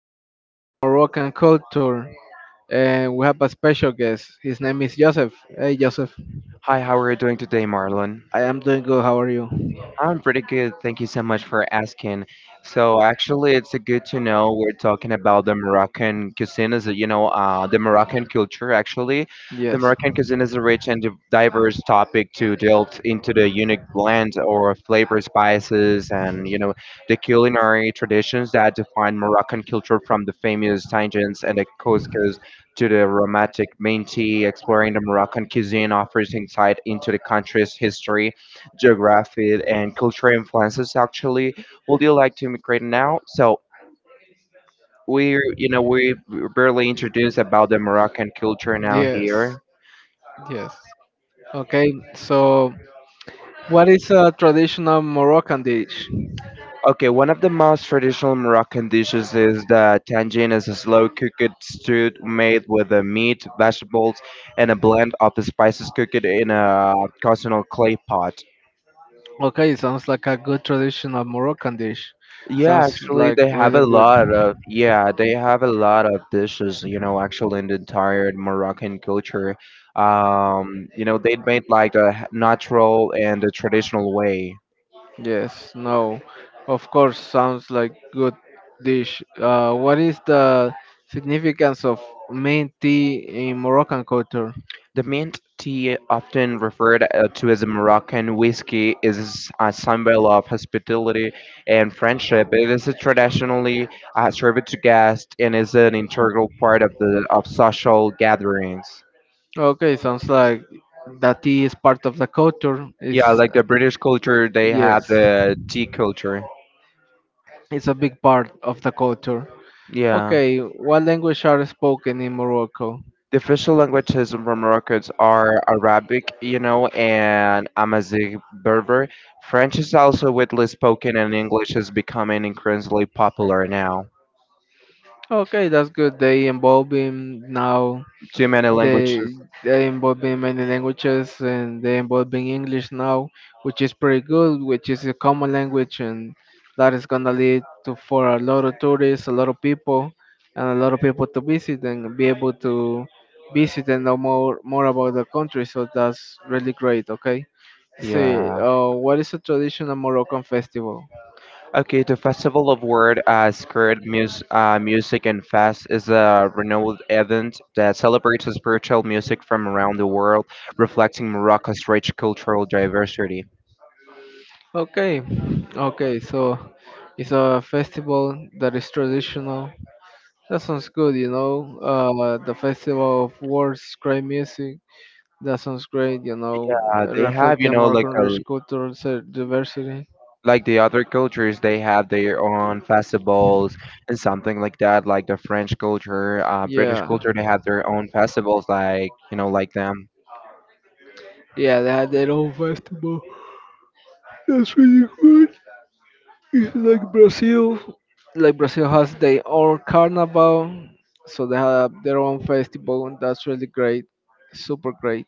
to talk about the Moroccan culture, and we have a special guest. His name is Joseph. Hey, Joseph. Hi, how are you doing today, Marlon? I am doing good. How are you? I'm pretty good. Thank you so much for asking. So actually, it's a good to know we're talking about the Moroccan cuisine, is the Moroccan culture. Actually, the Yes. Moroccan cuisine is a rich and diverse topic to delve into the unique blend or flavor spices and the culinary traditions that define Moroccan culture, from the famous tangents and the couscous to the romantic menti. Exploring the Moroccan cuisine offers insight into the country's history, geography and cultural influences. Actually, would you like to immigrate now? So we, we barely introduced about the Moroccan culture now Yes. here. Yes. Okay. So, what is a traditional Moroccan dish? Okay, one of the most traditional Moroccan dishes is the tagine. Is a slow cooked stew made with the meat, vegetables and a blend of the spices cooked in a cosmic clay pot. Okay, sounds like a good traditional Moroccan dish. Yeah, Sounds actually, like they have really a good. lot of, yeah, they have a lot of dishes, you know, actually in the entire Moroccan culture. You know, they made like a natural and a traditional way. Yes, no, of course, sounds like good dish. What is the significance of mint tea in Moroccan culture? The mint tea, often referred to as a Moroccan whiskey, is a symbol of hospitality and friendship. It is a traditionally served to guests and is an integral part of the of social gatherings. Okay, sounds like that tea is part of the culture. Yeah, Is Yeah, like the British culture, they had yes, the tea culture. it's a big part of the culture. Yeah. Okay, what language are spoken in Morocco? The official languages for Morocco are Arabic, you know, and Amharic Berber. French is also widely spoken, and English is becoming increasingly popular now. Okay, that's good. They involving now. Too many They languages. they involving many languages and they involving English now, which is pretty good, which is a common language, and that is gonna lead to for a lot of tourists, a lot of people, and a lot of people to visit and be able to visit and know more about the country. So that's really great. Okay, see, Yeah. What is a traditional Moroccan festival? Okay, the Festival of Word, Skirt, Music, and Fest is a renowned event that celebrates spiritual music from around the world, reflecting Morocco's rich cultural diversity. Okay, okay, so it's a festival that is traditional. That sounds good, you know. The festival of words, great music. That sounds great, you know, Yeah, they have, you reflecting know, more country's cultural diversity. like the other cultures, they have their own festivals and something like that. Like the French culture, British Yeah, culture, they have their own festivals, like you know, like them. yeah, they had their own festival. That's really good. Like Brazil, like Brazil has their own carnival, so they have their own festival, and that's really great, super great.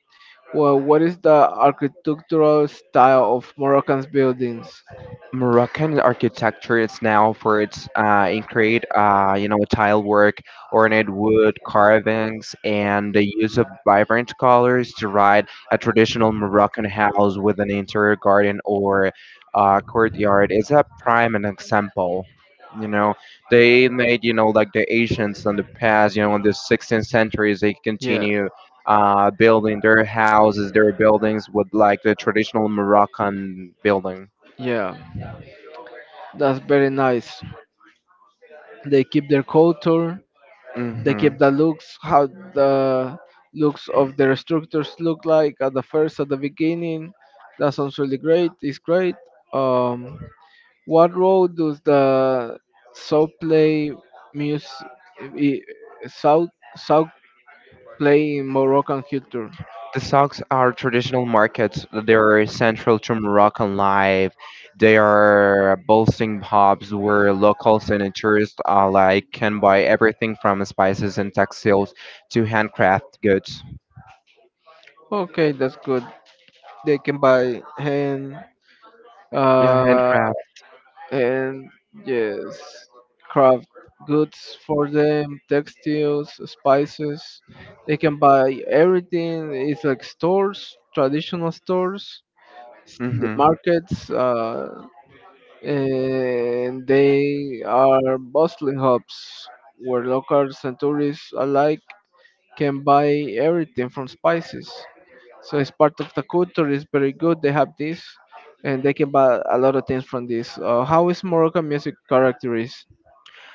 Well, what is the architectural style of Moroccan's buildings? Moroccan architecture is now for its intricate, you know, tile work, ornate wood carvings, and the use of vibrant colors to ride. A traditional Moroccan house with an interior garden or courtyard is a prime an example. You know, they made you know like the Asians in the past. You know, in the 16th centuries, they Yeah, continue building their houses, their buildings with like the traditional Moroccan building. yeah, that's very nice. They keep their culture. They Hmm. keep the looks, how the looks of their structures look like at the first, at the beginning. That sounds really great. It's great. Um, what role does the soul play music, i- south south play in Moroccan culture? The souks are traditional markets. They are central to Moroccan life. They are bustling pubs where locals and tourists alike can buy everything from spices and textiles to handcraft goods. Okay, that's good. They can buy hand. Yeah, Uh, handcraft. and yes, craft goods for them, textiles, spices. They can buy everything. It's like stores, traditional stores, s- Hmm. markets, and they are bustling hubs where locals and tourists alike can buy everything from spices. So it's part of the culture. It's very good. They have this, and they can buy a lot of things from this. How is Moroccan music characterized?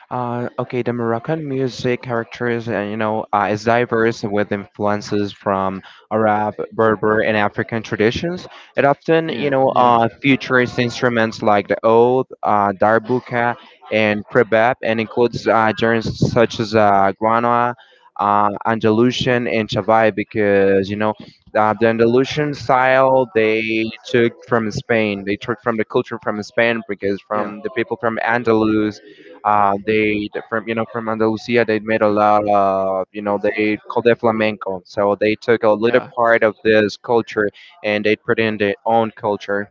Okay, the Moroccan music characters, you know, is diverse with influences from Arab, Berber, and African traditions. It often, you know, features instruments like the oud, darbuka, and krebab, and includes genres such as guana, Andalusian, and Chavai, because you know. The Andalusian style they took from Spain. They took from the culture from Spain because Yeah, yeah, from the people from Andalus, they, from you know, from yeah. Andalusia they made a lot of, you know, they called it flamenco. So they took a little Yeah. part of this culture and they put in their own culture.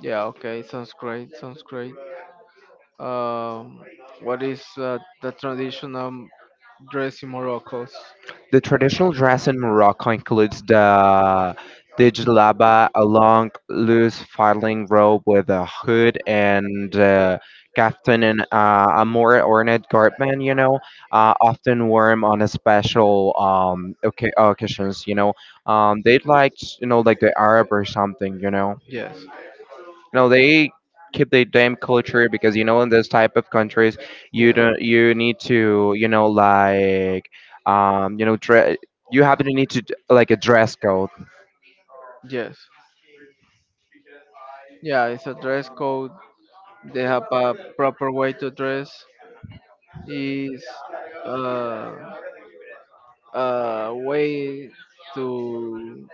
Yeah. Okay. Sounds great. Sounds great. Um, what is the traditional dress in Morocco? The traditional dress in Morocco includes the jilaba, a long, loose, filing robe with a hood and kaftan, and a more ornate garment. You know, often worn on a special occasions. You know, they'd like you know like the Arab or something. You know. Yes. No, they keep their damn culture because you know in this type of countries you Yeah. don't, you need to, you know, like, you know, you have to like a dress code. Yes. Yeah. It's a dress code. They have a proper way to dress. Is uh, a way to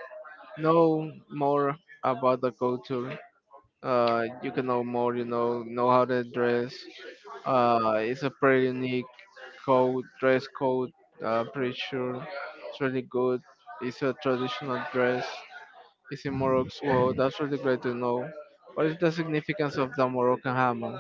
know more about the culture, you can know more, you know how to dress. It's a pretty unique code, dress code. Pretty sure it's really good. It's a traditional dress. It's in Morocco, so that's really great to know. What is the significance of the Moroccan hammer?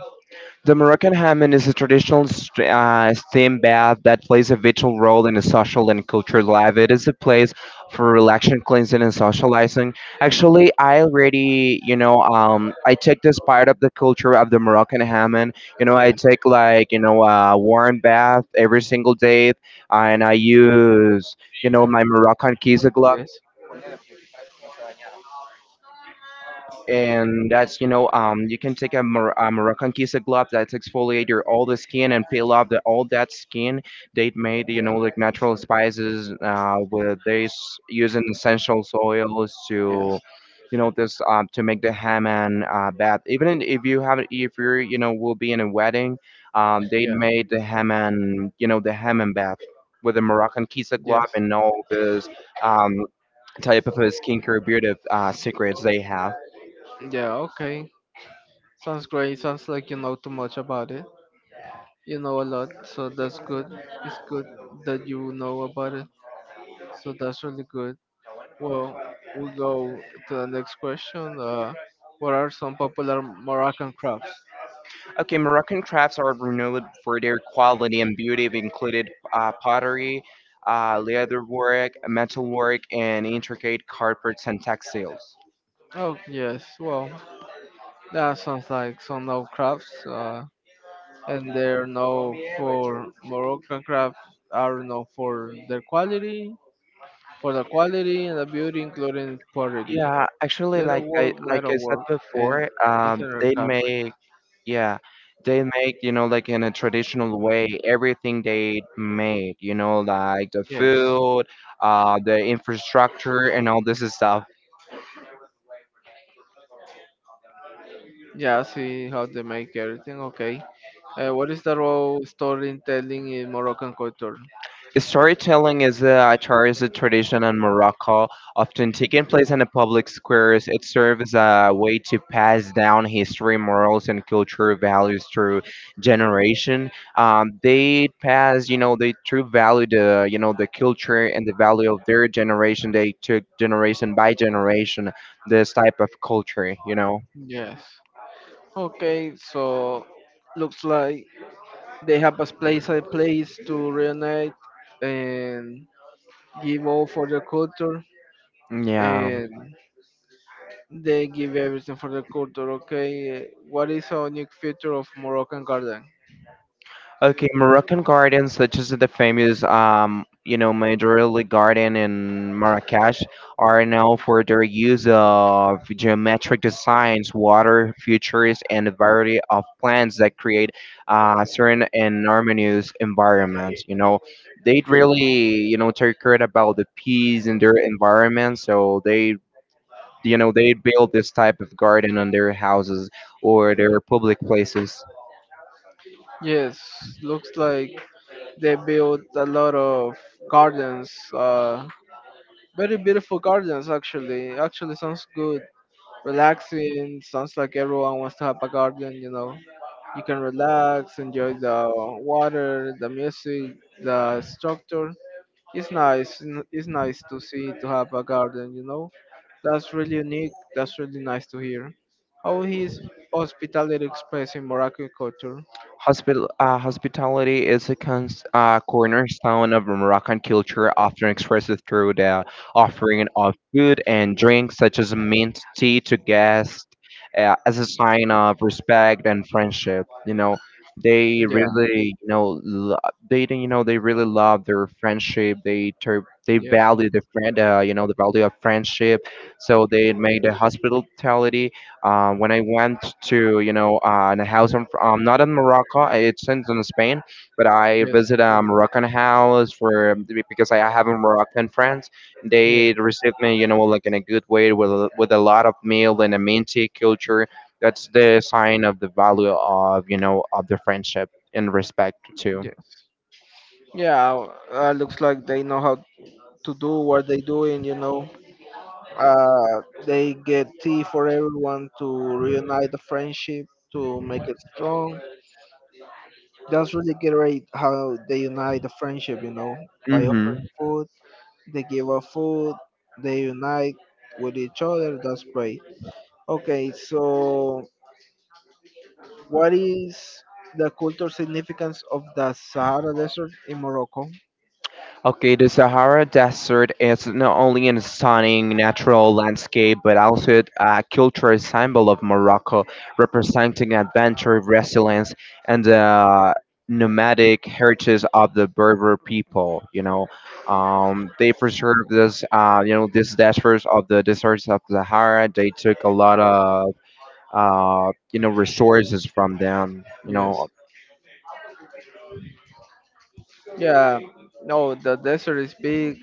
The Moroccan Hammam is a traditional steam bath that plays a vital role in the social and cultural life. It is a place for relaxation, cleansing, and socializing. Actually, I already, you know, I take this part of the culture of the Moroccan Hammam. You know, I take like, you know, a warm bath every single day, and I use, you know, my Moroccan keys, Yeah. Yes and that's you know um, you can take a, a Moroccan kisa glove that exfoliate all the skin and peel off the all that skin. They made you know like natural spices with this, using essential oils to, you know, this to make the hammam bath. Even if you have, if you're you know will be in a wedding, they Yeah. made the hammam, you know, the hammam bath with a Moroccan kisa glove Yes. and Yeah. all this Yes. um type of skincare beauty secrets they have. Yeah. Okay. Sounds great. Sounds like you know too much about it. You know a lot, so that's good. It's good that you know about it. So that's really good. Well, we go to the next question. What are some popular Moroccan crafts? Okay, Moroccan crafts are renowned for their quality and beauty. They included pottery, leatherwork, metalwork, and intricate carpets and textiles. Oh yes, well that sounds like some no crafts, and they're known for Moroccan crafts are known for their quality, for the quality and the beauty, including pottery, Yeah, actually, like I leatherwork, like I said metalwork, and before, interior they craft. make, yeah, they make you know like in a traditional way everything they made. You know, like the Yes, food, the infrastructure, and all this stuff. yeah, I see how they make everything. Okay, what is the role storytelling in Moroccan culture? Storytelling is a cherished tradition in Morocco, often taking place in the public squares. It serves as a way to pass down history, morals, and cultural values through generation. They pass, you know, they true value the, you know, the culture and the value of their generation. They took generation by generation this type of culture, you know. Yes. Okay, so looks like they have a place to reunite and give all for the culture Yeah. and they give everything for the culture. Okay, what is a unique feature of Moroccan garden? Okay, Moroccan gardens, such as the famous, you know, Majorelle Garden in Marrakesh, are known for their use of geometric designs, water features, and a variety of plants that create serene and harmonious environments. You know, they really, you know, take care about the peace in their environment, so they, you know, they build this type of garden on their houses or their public places. Yes, looks like they built a lot of gardens. Very beautiful gardens actually. Actually sounds good. Relaxing. Sounds like everyone wants to have a garden, you know. You can relax, enjoy the water, the music, the structure. It's nice. It's nice to see to have a garden, you know. That's really unique. That's really nice to hear. How is hospitality expressed in Moroccan culture? Hospitality is a cornerstone of Moroccan culture, often expressed through the offering of food and drinks such as mint tea to guests as a sign of respect and friendship. You know, they Yeah. really, you know, they you know they really love their friendship. They they Yes. value the friend, you know, the value of friendship. So they made the hospitality when I went to you know a house, in, not in Morocco, it's in Spain, but I Yes. visited a Moroccan house for, because I have a Moroccan friends. They received me, you know, like in a good way with with a lot of meal and a minty culture. That's the sign of the value of you know of the friendship and respect too. Yes. Yeah. Looks like they know how to do what they doing. They get tea for everyone to reunite the friendship to make it strong. That's really great how they unite the friendship. You know, by offering Hmm. food, they give up food, they unite with each other. That's great. Okay, so what is the cultural significance of the Sahara Desert in Morocco? Okay, the Sahara Desert is not only a stunning natural landscape but also a cultural symbol of Morocco, representing adventure, resilience, and the nomadic heritage of the Berber people. You know, they preserved this, you know, this deserts of the deserts of Sahara. They took a lot of, you know, resources from them. You Yes. know, Yeah. No, the desert is big.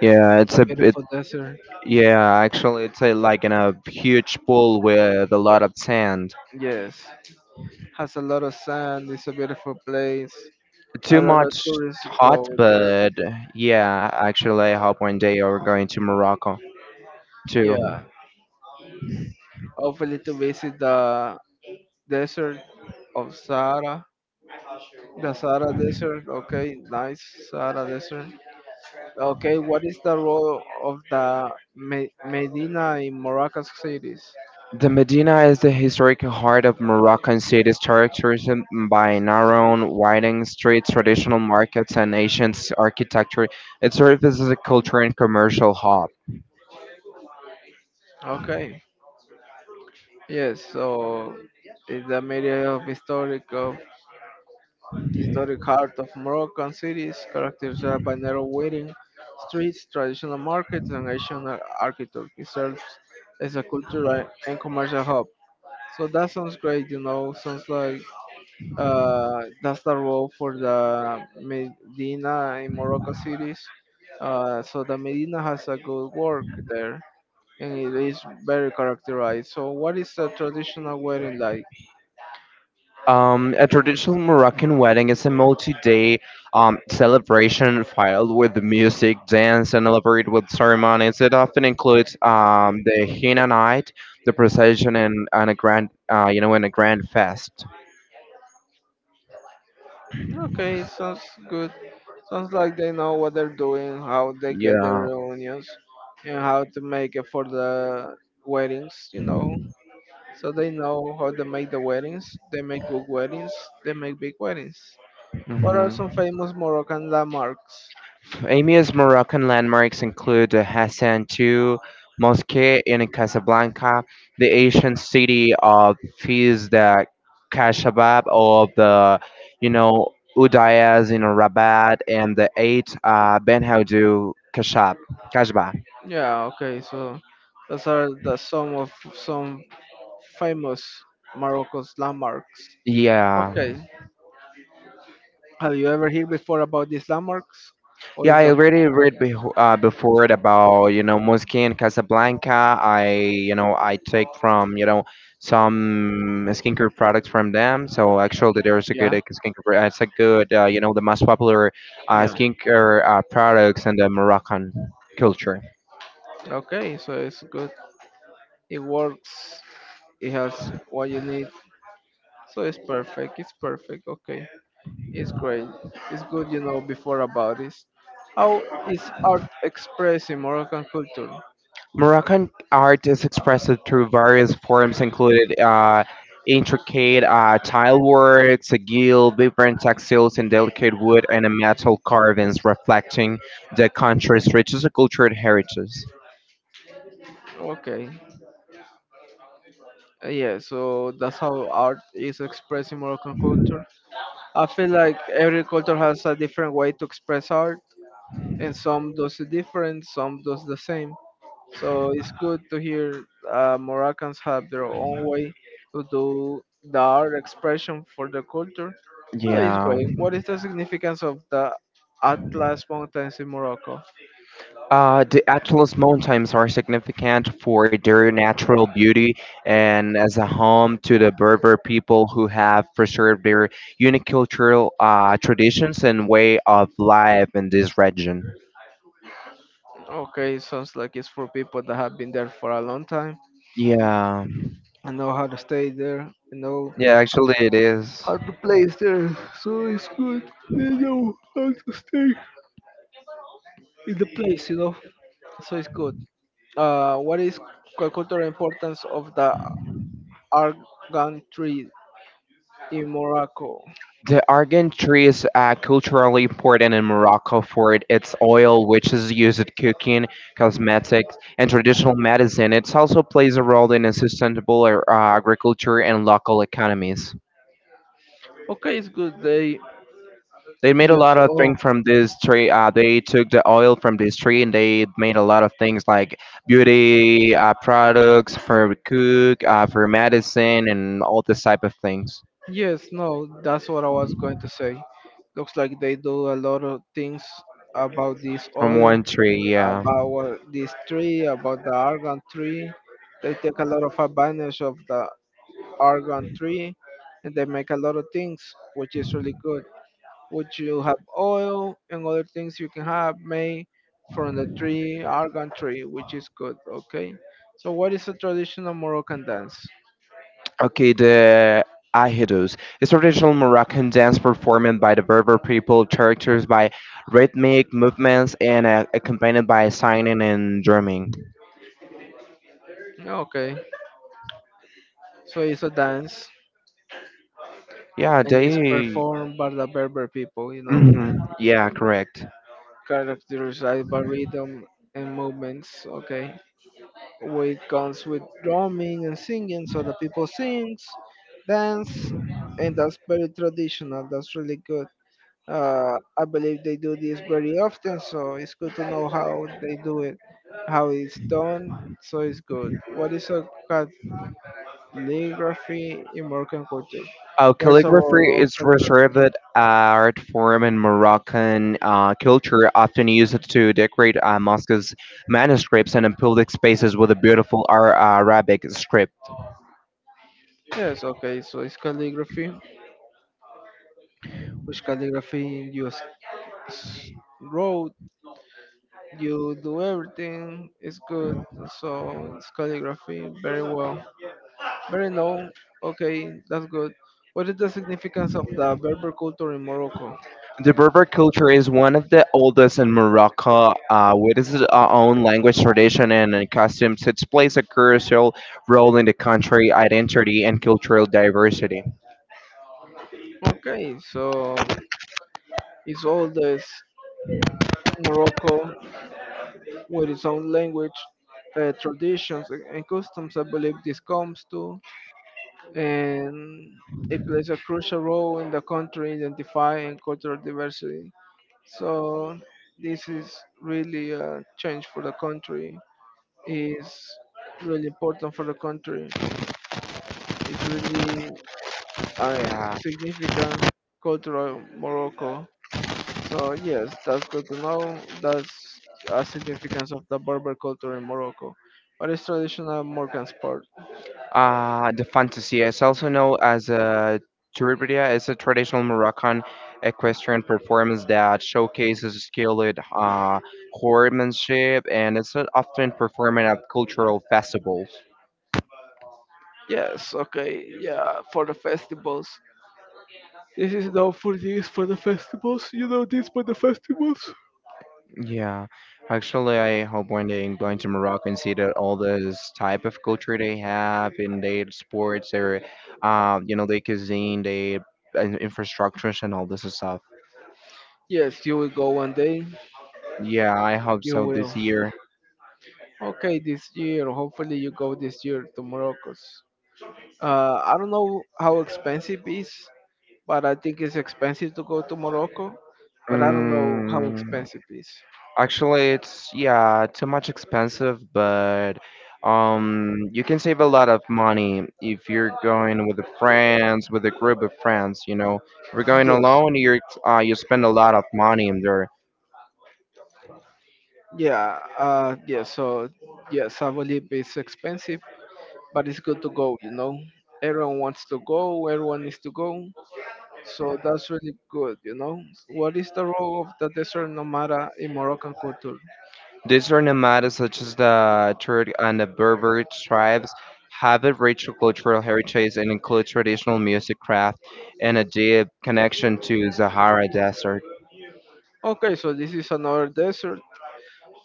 yeah, A beautiful desert. yeah, actually, it's like in a huge pool with a lot of sand. Yes. Has a lot of sand. It's a beautiful place. A Too lot of much tourists hot, go there. but yeah, actually, I hope one day we're going to Morocco too. Yeah. Hopefully to visit the desert of Sahara. The Sahara Desert. Okay. Nice. Sahara Desert. Okay. What is the role of the Medina in Morocco's cities? The Medina is the historic heart of Moroccan cities, characterized by narrow, winding streets, traditional markets, and ancient architecture. It serves as a cultural and commercial hub. Okay. Yes. So in the area of historic heart of Moroccan cities, characterized by narrow winding streets, traditional markets, and ancient architecture, it serves as a cultural and commercial hub. So that sounds great. You know, sounds like that's the role for the Medina in Morocco cities. So the Medina has a good work there and it is very characterized. So, what is a traditional wedding like? A traditional Moroccan wedding is a multi-day celebration filled with music, dance, and elaborate with ceremonies. It often includes the henna night, the procession, and a grand, you know, and a grand fest. Okay, sounds good. Sounds like they know what they're doing, how they get their Yeah. reunions, and how to make it for the weddings, you know. So they know how to make the weddings. They make good weddings. They make big weddings. What are some Hmm. famous Moroccan landmarks? Emia's Moroccan landmarks include the Hassan II Mosque in Casablanca, the ancient city of Fez, the Kashabab of the, you know, Udayas in Rabat, and the eight Ben Haudou Kashba. Yeah, okay, so those are the some of some famous Morocco's landmarks. Yeah. Okay, have you ever heard before about these landmarks? Or Yeah, is I the first already time? read beho before it about, you know, Musky and Casablanca. I, you know, I take from, you know, some skincare products from them. So actually, there's a good Yeah, skincare. It's a good, you know, the most popular yeah. skincare products in the Moroccan culture. Okay, so it's good. It works. It has what you need. So it's perfect. It's perfect. Okay, it's great. It's good you know before about this. How is art expressed in Moroccan culture? Moroccan art is expressed through various forms, including intricate tile work, sigil, vibrant textiles, and delicate wood and metal carvings, reflecting the country's rich cultural heritage. Okay, yeah, so that's how art is expressing Moroccan culture. I feel like every culture has a different way to express art, and some does it different, some does the same. So it's good to hear Moroccans have their own way to do the art expression for their culture. So it's Yeah. great. What is the significance of the Atlas Mountains in Morocco? The Atlas Mountains are significant for their natural beauty and as a home to the Berber people who have preserved their unique cultural traditions and way of life in this region. Okay, sounds like it's for people that have been there for a long time Yeah, and know how to stay there, you know yeah, actually it is. how to place there. So it's good. They know how to stay in the place, you know. So it's good. What is cultural importance of the argan tree in Morocco? The argan tree is culturally important in Morocco for its oil, which is used in cooking, cosmetics, and traditional medicine. It also plays a role in sustainable agriculture and local economies. Okay, it's good. They They made a use lot of oh things from this tree. They took the oil from this tree and they made a lot of things like beauty products for cook, for medicine, and all this type of things yes, no, that's what I was going to say. Looks like they do a lot of things about this from oil one tree. Yeah. about this tree, about the argon tree. They take a lot of advantage of the argon tree, and they make a lot of things, which is really good. Which you have oil and other things you can have made from the tree, argan tree, which is good. Okay. So what is a traditional Moroccan dance? Okay, the Ahidos is a traditional Moroccan dance performed by the Berber people, characterized by rhythmic movements and accompanied by singing and drumming. Okay. So it's a dance, Yeah, and it's they. performed by the Berber people. You know, Mhm, yeah, correct. characterized by rhythm and movements. Okay, we comes with drumming and singing, so the people sings, dance, and that's very traditional. That's really good. I believe they do this very often, so it's good to know how they do it, how it's done. So it's good. What is a calligraphy in Moroccan culture? What's the Calligraphy role of is calligraphy? reserved art form in Moroccan culture, often used to decorate mosques, manuscripts, and in public spaces with a beautiful Arabic script. Yes, okay, so it's calligraphy. Which calligraphy you wrote? You do everything. It's good. So it's calligraphy. Very well. Very no. Okay, that's good. What is the significance of the Berber culture in Morocco? The Berber culture is one of the oldest in Morocco, with its own language tradition and customs. It plays a crucial role in the country identity and cultural diversity. Okay, so it's all this Morocco with its own language, traditions, and customs. I believe this comes to, and it plays a crucial role in the country identifying cultural diversity. So this is really a change for the country is really important for the country. It's really a Yeah. significant cultural Morocco. So yes, that's good to know. That's a significance of the Berber culture in Morocco. What is traditional Moroccan sport? The fantasia is also known as a Turbidia. It's a traditional Moroccan equestrian performance that showcases skilled horsemanship and it's often performed at cultural festivals. Yes, okay, yeah, for the festivals. This is now for the festivals. You know this for the festivals. Yeah, actually, I hope one day I'm going to Morocco and see that all this type of culture they have in their sports, their, you know, their cuisine, their infrastructures, and all this stuff. Yes, you will go one day. Yeah, I hope You so will. this year. Okay, this year. Hopefully, you go this year to Morocco. I don't know how expensive it is, but I think it's expensive to go to Morocco. But I don't know how Mm, expensive it is. actually, it's, yeah, too much expensive, but you can save a lot of money if you're going with the friends, with a group of friends. You know, if you're going Yes, alone, you're you spend a lot of money in there. yeah, yeah. So yes, I believe it's expensive, but it's good to go. You know, everyone wants to go. Everyone needs to go. So that's really good. You know, what is the role of the desert nomada in Moroccan culture? These are nomadic, such as the Turk and the Berber tribes, have a rich cultural heritage and include traditional music, craft, and a deep connection to Sahara Desert. Okay, so this is another desert.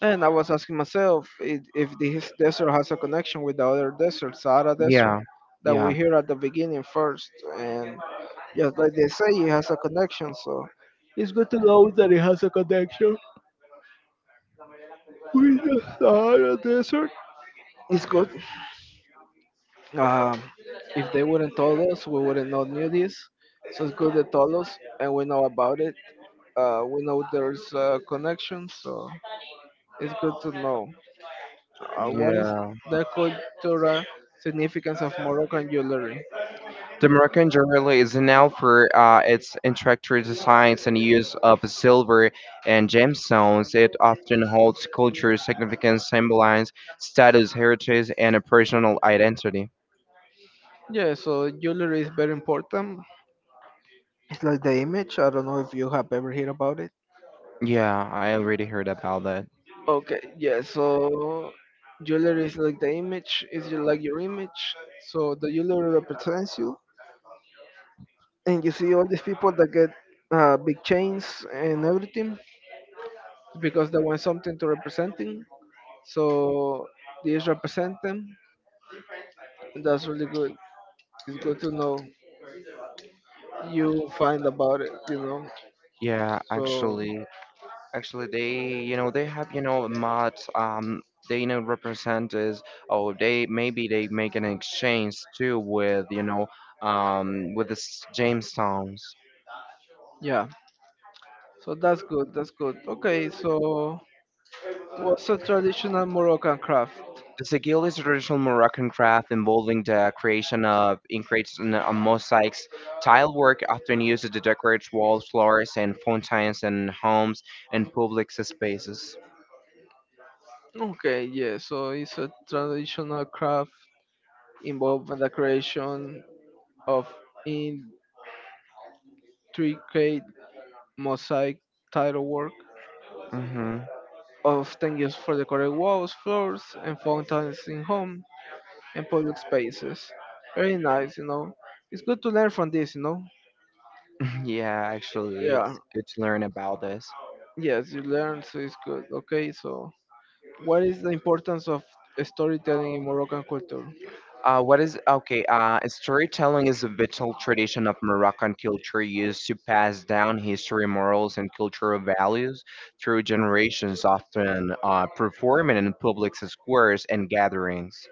And I was asking myself if this desert has a connection with the other desert, Sahara Desert, Yeah, that we yeah, hear at the beginning first. And just like they say, it has a connection. So it's good to know that it has a connection with the Sahara Desert. It's good. Um, if they wouldn't told us, we wouldn't know knew this. So it's good they told us, and we know about it. We know there's a connection, so it's good to know. What is yeah. the cultural significance of Moroccan jewelry? The Moroccan jewelry is known for its intricate designs and use of silver and gemstones. It often holds cultural significance, symbolizes status, heritage, and a personal identity. Yeah, so jewelry is very important. It's like the image. I don't know if you have ever heard about it. Yeah, I already heard about that. Okay, yeah, so jewelry is like the image, is like your image. So the jewelry represents you. And you see all these people that get big chains and everything because they want something to represent them. So these represent them. And that's really good. It's good to know. You find about it, you know. Yeah, So actually, they, you know, they have, you know, mods. They, you know, represent is, oh, they maybe they make an exchange too with, you know, with the Jamestones. yeah, so that's good. That's good. Okay, so what's a traditional Moroccan craft? The sigil is a traditional Moroccan craft involving the creation of intricate mosaics, tile work often used to decorate walls, floors, and fountains in homes and public spaces. Okay, yeah. So it's a traditional craft involving the creation of intricate mosaic tile work, Mm-hmm. often used for decorating walls, floors, and fountains in home and public spaces. Very nice, you know. It's good to learn from this, you know. Yeah, actually, Yeah. it's good to learn about this. Yes, you learn, so it's good. Okay, so what is the importance of storytelling in Moroccan culture? What is okay? Storytelling is a vital tradition of Moroccan culture used to pass down history, morals, and cultural values through generations, often performing in public squares and gatherings.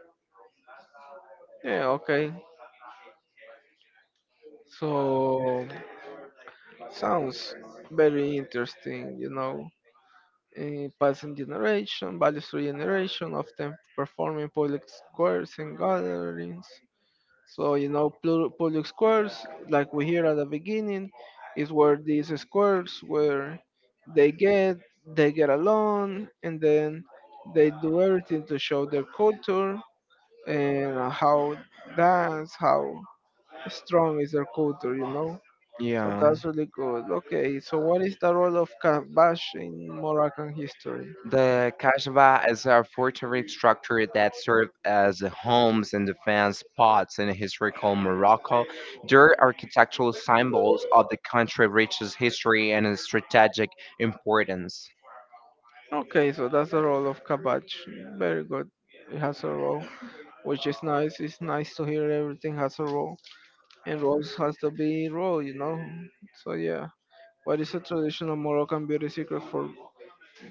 Yeah, okay. So sounds very interesting, you know. Eh, passing generation, value through generation, often performing public squares and gatherings. So you know, public squares, like we hear at the beginning, is where these squares where they get they get along, and then they do everything to show their culture and how that's how strong is their culture. You know, so Yeah. that's really good. Okay, so what is the role of Kabach in Moroccan history? The Kashaba is a fortified structure that served as homes and defense spots in historical Morocco. Their architectural symbols of the country reaches history and its strategic importance. Okay, so that's the role of Kabach. Very good. It has a role, which is nice. It's nice to hear everything has a role. And rose has to be raw, you know. So yeah, what is a traditional Moroccan beauty secret for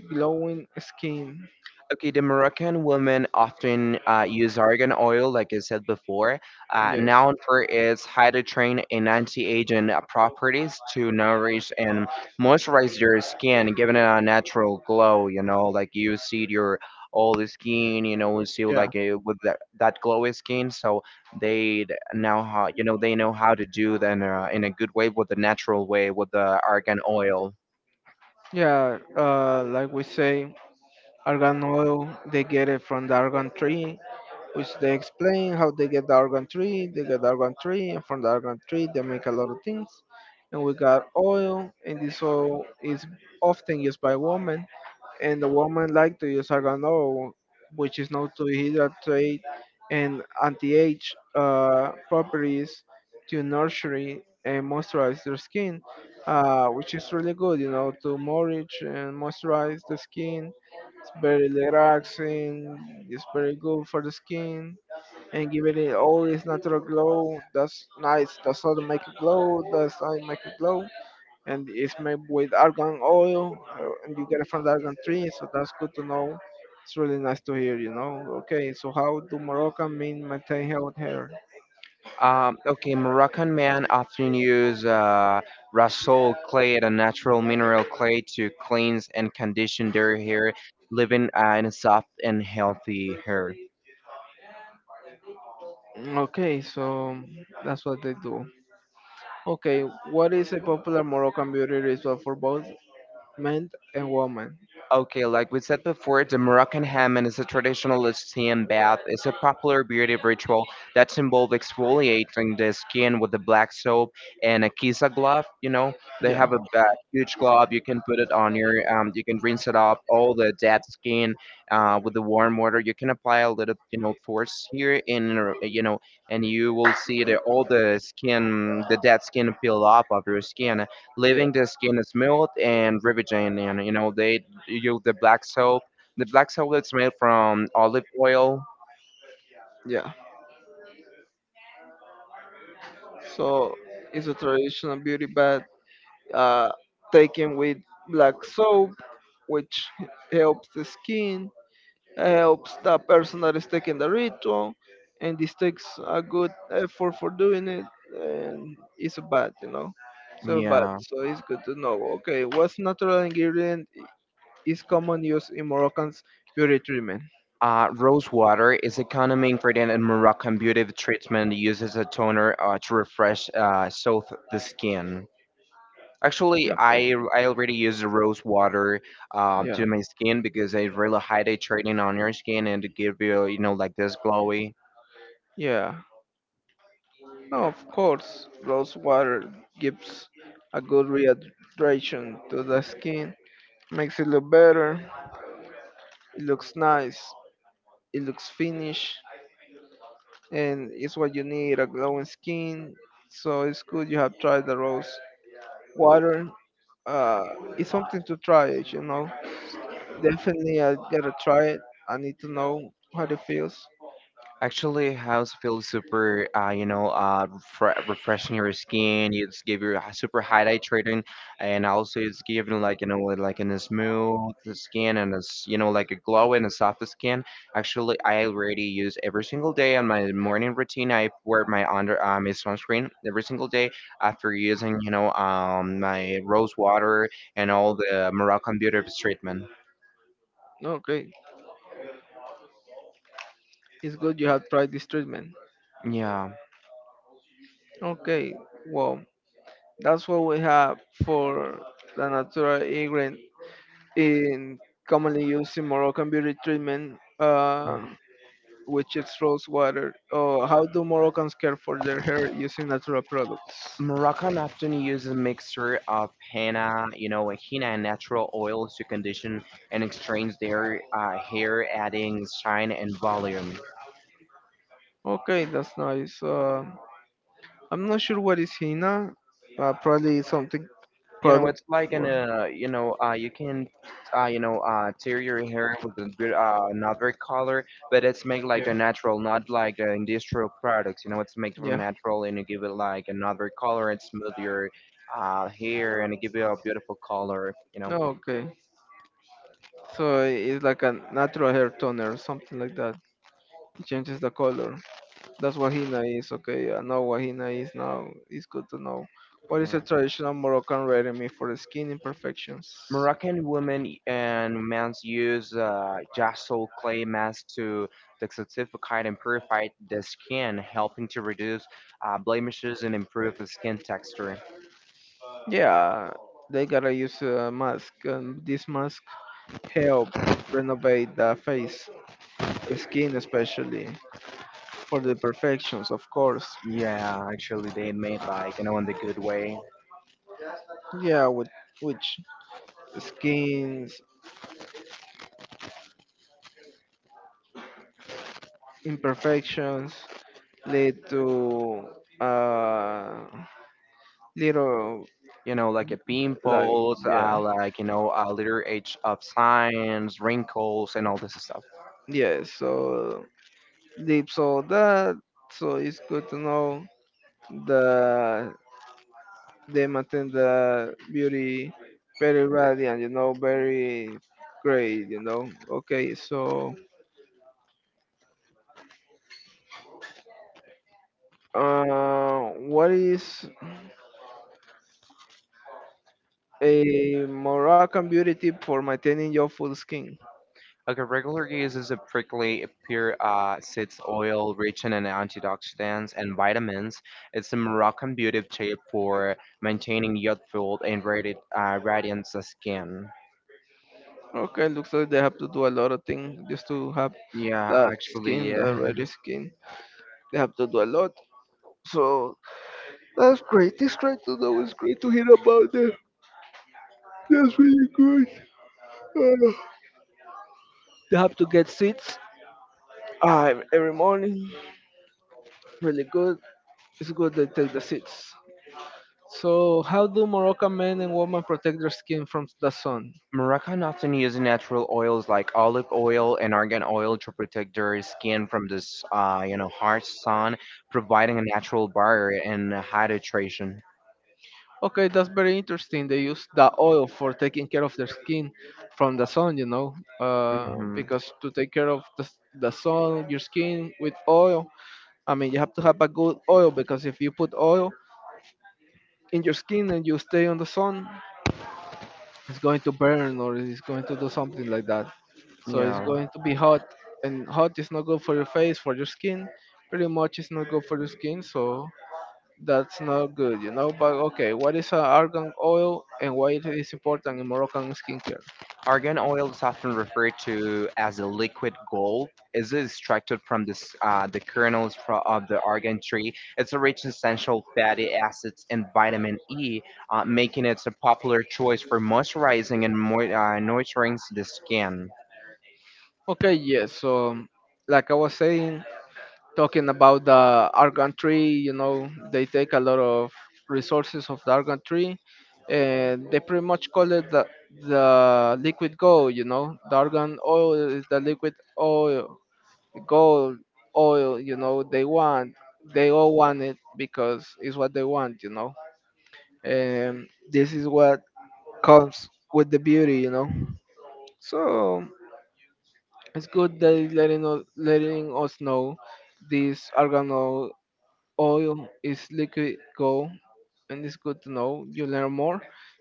glowing skin? Okay, the Moroccan women often use argan oil, like I said before, Yes, known for its hydrotrain and anti-aging properties to nourish and moisturize your skin, giving it a natural glow. You know, like you see your old skin, you know, you see yeah, like with that, that glowy skin. So they now, how, you know, they know how to do that in a, good way, with the natural way, with the argan oil. yeah. Like we say, argan oil. They get it from the argan tree, which they explain how they get the argan tree. They get the argan tree, and from the argan tree they make a lot of things. And we got oil, and this oil is often used by women and the woman like to use argan which is known to hydrate and anti-age properties to nurture it and moisturize their skin, which is really good, you know, to nourish and moisturize the skin. It's very relaxing, it's very good for the skin and giving it all its natural glow. That's nice. That's how to make it glow. That's how you make it glow and it's made with argan oil, and you get it from the argan tree. So that's good to know. It's really nice to hear, you know. Okay, so how do Moroccan men maintain health hair? Okay, Moroccan men often use rasool clay, a natural mineral clay, to cleanse and condition their hair, leaving in a soft and healthy hair. Okay, so that's what they do. Okay, what is a popular Moroccan beauty ritual for both men and women? Okay, like we said before, the Moroccan Hammam is a traditional steam bath. It's a popular beauty ritual that's involved exfoliating the skin with a black soap and a kisa glove. You know, Yeah. they Yeah. have a huge glove. You can put it on your, you can rinse it off, all the dead skin with the warm water. You can apply a little, you know, force here in, you know, and you will see that all the skin, the dead skin peel off of your skin, leaving the skin smooth and riveting, and you know they you use the black soap. The black soap is made from olive oil. Yeah. So it's a traditional beauty bath uh, taken with black soap, which helps the skin, helps the person that is taking the ritual, and this takes a good effort for doing it, and it's a bad, you know. So bad, Yeah. so it's good to know. Okay, what's natural ingredient is common use in Moroccan's beauty treatment? Rose water is a common ingredient in Moroccan beauty treatment used as a toner to refresh soothe the skin. Actually, I, Okay. I already use the rose water Yeah. to my skin because it's really hydrating on your skin and to give you, you know, like this glowy. Yeah, no, of course, rose water gives a good rehydration to the skin, makes it look better, it looks nice, it looks finished, and it's what you need a glowing skin. So it's good you have tried the rose water. Uh, it's something to try it, you know. Definitely, I gotta try it. I need to know how it feels. Actually, house feels super, you know, refreshing your skin. It's give you a super hydrating, and also it's giving like, you know, with, like in a smooth skin, and it's, you know, like a glow and a soft skin. Actually, I already use every single day on my morning routine. I wear my under my sunscreen every single day after using, you know, my rose water and all the Moroccan beauty treatment. Okay, it's good you have tried this treatment. Yeah. Okay, well, that's what we have for the natural ingredient in commonly used in Moroccan beauty treatment, which is rose water. Oh, how do Moroccans care for their hair using natural products? Moroccan often uses a mixture of henna, you know, henna and natural oils to condition and extract their hair, adding shine and volume. Okay, that's nice. I'm not sure what is henna. Probably something You know, it's like an, you know, you can, you know, tear your hair with a good, another color, but it's made like the natural, not like the industrial products. You know, it's made from natural, and you give it like another color and smooth your hair uh, and give it a beautiful color, you know. okay so it's like a natural hair toner or something like that it changes the color that's what Hina is, okay. I know what Hina is now. It's good to know. What is a Yeah. traditional Moroccan remedy for the skin imperfections? Moroccan women and men use jassol clay mask to detoxify and purify the skin, helping to reduce blemishes and improve the skin texture. Yeah, they gotta use a mask, and this mask help renovate the face, the skin especially, for the imperfections, of course. Yeah, actually, they made like, you know, in the good way. Yeah, with which skins imperfections lead to uh little You know, like a like pimples, yeah like, you know, a little age of signs, wrinkles, and all this stuff. yeah so deep. So that it's good to know that they maintain the beauty very radiant, you know, very great, you know. Okay, so what is a Moroccan beauty tip for maintaining your full skin? Okay, regular use is a prickly pear seeds oil rich in an antioxidants and vitamins. It's a Moroccan beauty tip for maintaining youthful and radiant skin. Okay, looks like they have to do a lot of things just to have Yeah, that actually, skin, that yeah. reddish skin. They have to do a lot. So that's great. It's great to know. It's great to hear about that. That's really good. They have to get seats every morning. Really good. It's good they take the seats. So, how do Moroccan men and women protect their skin from the sun? Moroccan often use natural oils like olive oil and argan oil to protect their skin from this, you know, harsh sun, providing a natural barrier and hydration. Okay, that's very interesting. They use the oil for taking care of their skin from the sun, you know, Hmm. because to take care of the sun, your skin with oil, I mean, you have to have a good oil because if you put oil in your skin and you stay on the sun, it's going to burn or it's going to do something like that. So it's Yeah. going to be hot, and hot is not good for your face, for your skin. Pretty much, it's not good for your skin, so that's not good, you know. But okay, what is argan oil and why it is important in Moroccan skincare? Argan oil is often referred to as a liquid gold. It is extracted from this, the kernels of the argan tree. It's a rich in essential fatty acids and vitamin E, making it a popular choice for moisturizing and nurturing the skin. Okay, yes. So, like I was saying, talking about the argan tree you know they take a lot of resources of the argan tree and they pretty much call it the liquid gold you know the argan oil is the liquid oil gold oil you know they want they all want it because it's what they want you know and this is what comes with the beauty you know so it's good that letting us know this argan oil. Oil is liquid gold and it's good to know you learn more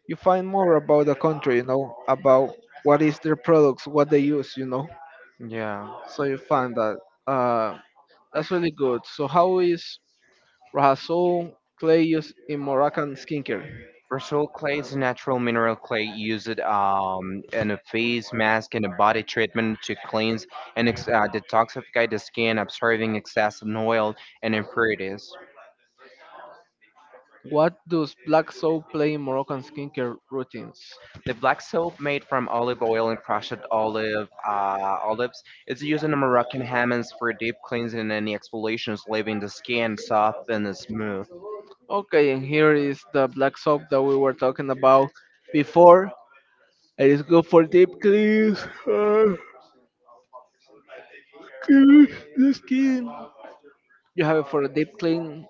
you find more about the country you know about what is their products what they use you know Yeah. so you find that uh, that's really good so how is Rasul clay used in Moroccan skincare? Versatile clay is a natural mineral clay used in a face mask and a body treatment to cleanse and detoxify the skin, absorbing excess oil and impurities. What does black soap play in Moroccan skincare routines? The black soap made from olive oil and crushed olive olives is used in Moroccan hammams for deep cleansing and exfoliations, leaving the skin soft and smooth. Okay and here is the black soap that we were talking about before it is good for deep cleans cleans the skin. You have it for a deep clean.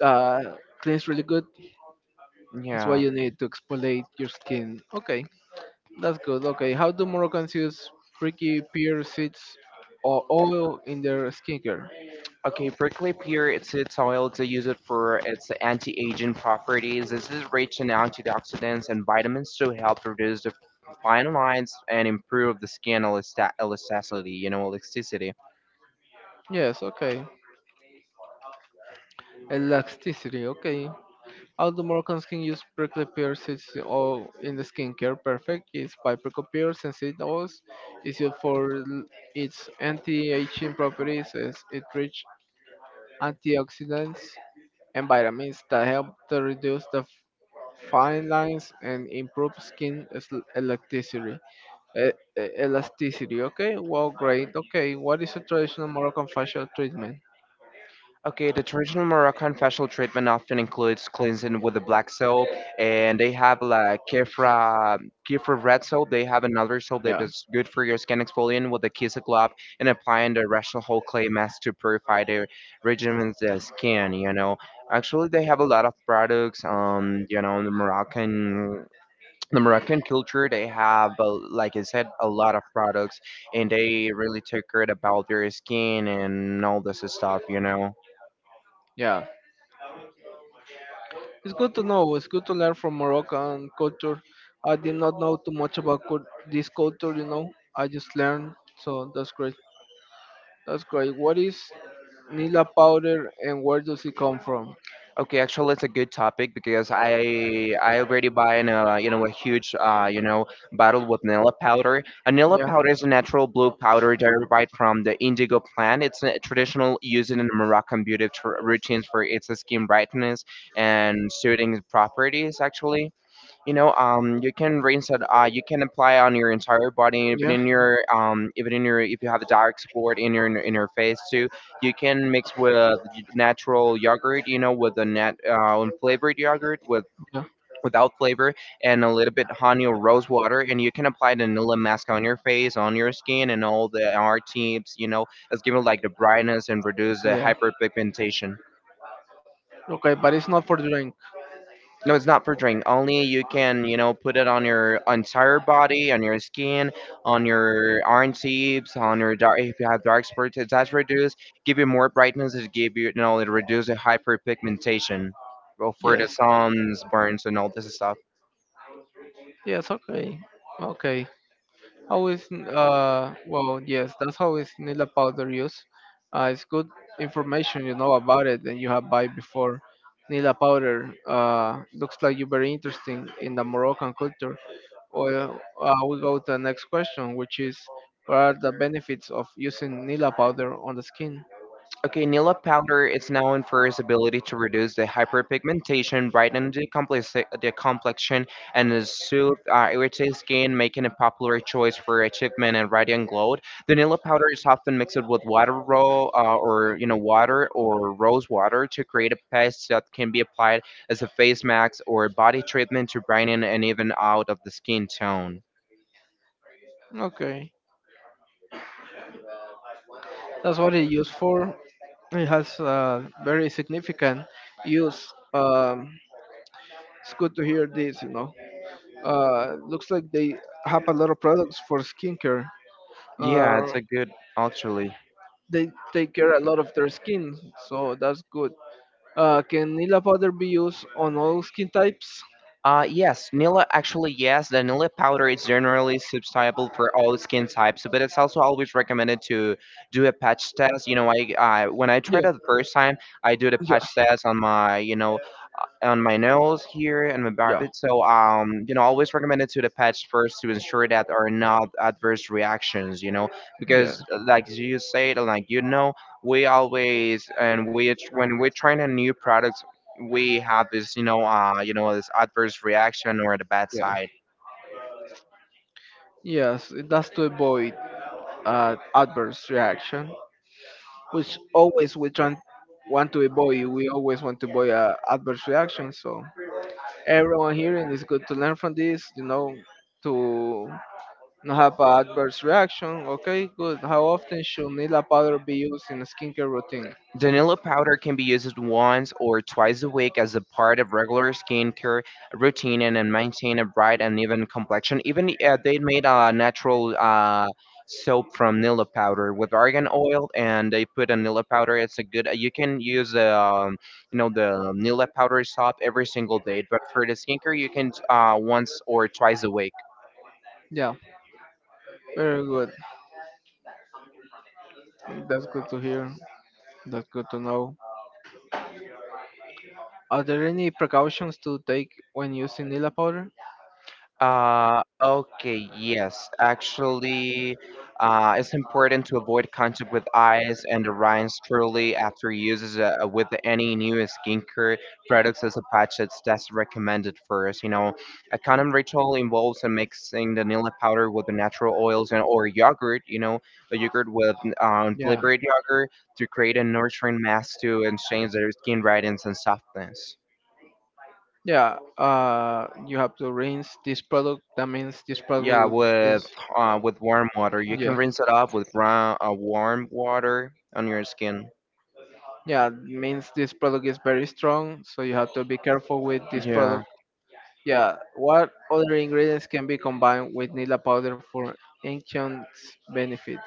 Uh, cleans really good. It's what Yeah. you need to exfoliate your skin. Okay, that's good. Okay, how do Moroccans use pricky pear seeds or oil in their skincare? Okay, prickly pear, it's its oil to use it for its anti-aging properties. This is rich in antioxidants and vitamins to help reduce the fine lines and improve the skin elasticity, you know, elasticity. Yes, okay. Elasticity, okay. How do Moroccans can use prickly pear seeds or in the skincare? Perfect. It's by prickly pears and seed oils. It's used for its anti-aging properties as it rich antioxidants environments that help to reduce the fine lines and improve skin elasticity. E- Elasticity, okay? Well, great. Okay, what is a traditional Moroccan facial treatment? Okay, the traditional Moroccan facial treatment often includes cleansing with a black soap, and they have like Kefra red soap. They have another soap that Yeah, is good for your skin exfoliant with a kiss of glove and applying the rational whole clay mask to purify the regimen's skin. You know, actually they have a lot of products. You know, the Moroccan. The Moroccan culture, they have, like I said, a lot of products, and they really take care about their skin and all this stuff, you know. yeah. It's good to know. It's good to learn from Moroccan culture. I did not know too much about this culture, you know. I just learned, so that's great. That's great. What is Nila powder and where does it come from? Okay, actually, it's a good topic because I already buy in a, you know, a huge, you know, bottle with vanilla powder. Vanilla powder is a natural blue powder derived from the indigo plant. It's a traditional used in Moroccan beauty routines for its skin brightness and soothing Yeah. properties. Actually, you know, you can rinse it, you can apply on your entire body, even in your, even in your, if you have a dark spot in your, in your face too, you can mix with natural yogurt, you know, with the net, unflavored yogurt, with Yeah. without flavor, and a little bit honey or rose water, and you can apply the vanilla mask on your face, on your skin, and all the r tips, you know, it's giving like the brightness and reduce the hyperpigmentation. But it's not for drink. No, it's not for drink. Only you can, you know, put it on your entire body, on your skin, on your arm tips, on your dark. If you have dark spots, it does reduce, give you more brightness. It give you, you know, it reduces hyperpigmentation, well, for the Yes. sun's burns and all this stuff. Yes. Okay. Okay. How is well yes that's how is Nila powder used. It's good information you know about it and you have buy before. Nila powder looks like you're very interesting in the Moroccan culture. Well, we go to the next question, which is what are the benefits of using Nila powder on the skin? Okay, Nila powder is known for its ability to reduce the hyperpigmentation, brighten the, complex, the complexion, and to soothe irritated skin, making a popular choice for achievement and radiant glow. The Nila powder is often mixed with water or, you know, water or rose water to create a paste that can be applied as a face mask or body treatment to brighten and even out of the skin tone. Okay, that's what it's used for. It has very significant use. It's good to hear this, you know. Looks like they have a lot of products for skincare. Yeah, it's Uh, a good actually. they take care a lot of their skin, so that's good. Can Nila powder be used on all skin types? Yes, yes, the Nila powder is generally suitable for all skin types, but it's also always recommended to do a patch test. You know, I when I Yeah, tried it the first time, I do the patch test on my, you know, on my nose here and my yeah, barbie. So, you know, always yeah. recommended to the pets first to ensure that are not adverse reactions. You know, Yeah. because like you said, like you know, we always and we when we're trying a new product, we have this, you know, this adverse reaction or the bad Yeah. side. Yes, that's to avoid adverse reaction, which always we try want to avoid. We always want to avoid adverse reaction. So everyone here and it's good to learn from this, you know, to not have an adverse reaction. Okay, good. How often should Nila powder be used in a skincare routine? Danilo powder can be used once or twice a week as a part of regular skincare routine, and maintain a bright and even complexion. Even they made a natural soap from Nilla powder with argan oil, and they put a Nilla powder. It's a good. You can use the, you know, the Nilla powder soap every single day, but for the skincare, you can once or twice a week. Yeah, very good. That's good to hear. That's good to know. Are there any precautions to take when using Nila powder? Okay, yes. Actually, it's important to avoid contact with eyes and the rinds truly after uses with any new skincare products, as a patch that's recommended first. You know, a condom ritual involves mixing vanilla powder with the natural oils and or yogurt, you know, a yogurt with Yeah. flavored yogurt to create a nurturing mask to and change their skin radiance and softness. Yeah, you have to rinse this product. That means this Yeah, product is with warm water, you yeah, can rinse it off with warm water on your skin. yeah. Means this product is very strong, so you have to be careful with this Yeah. product. Yeah, what other ingredients can be combined with nila powder for enhanced benefits?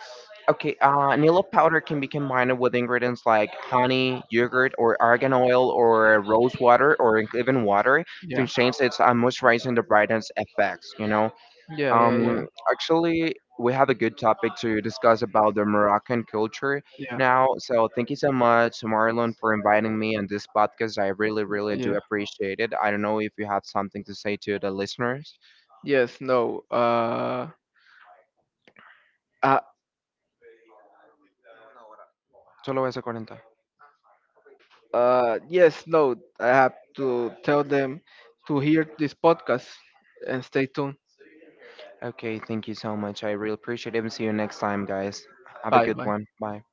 Okay. Nilo powder can be combined with ingredients like honey, yogurt, or argan oil, or rose water, or even water to Yeah, change its moisturizing the brightness effects. You know, yeah, yeah, yeah, actually, we have a good topic to discuss about the Moroccan culture yeah, now. So thank you so much, Marlon, for inviting me on this podcast. I really, really do yeah. appreciate it. I don't know if you have something to say to the listeners. Yes, no. Uh, Solo eso 40. Yes, no. I have to tell them to hear this podcast and stay tuned. Okay, thank you so much. I really appreciate it. And see you next time, guys. Have a Bye, good bye. one. Bye.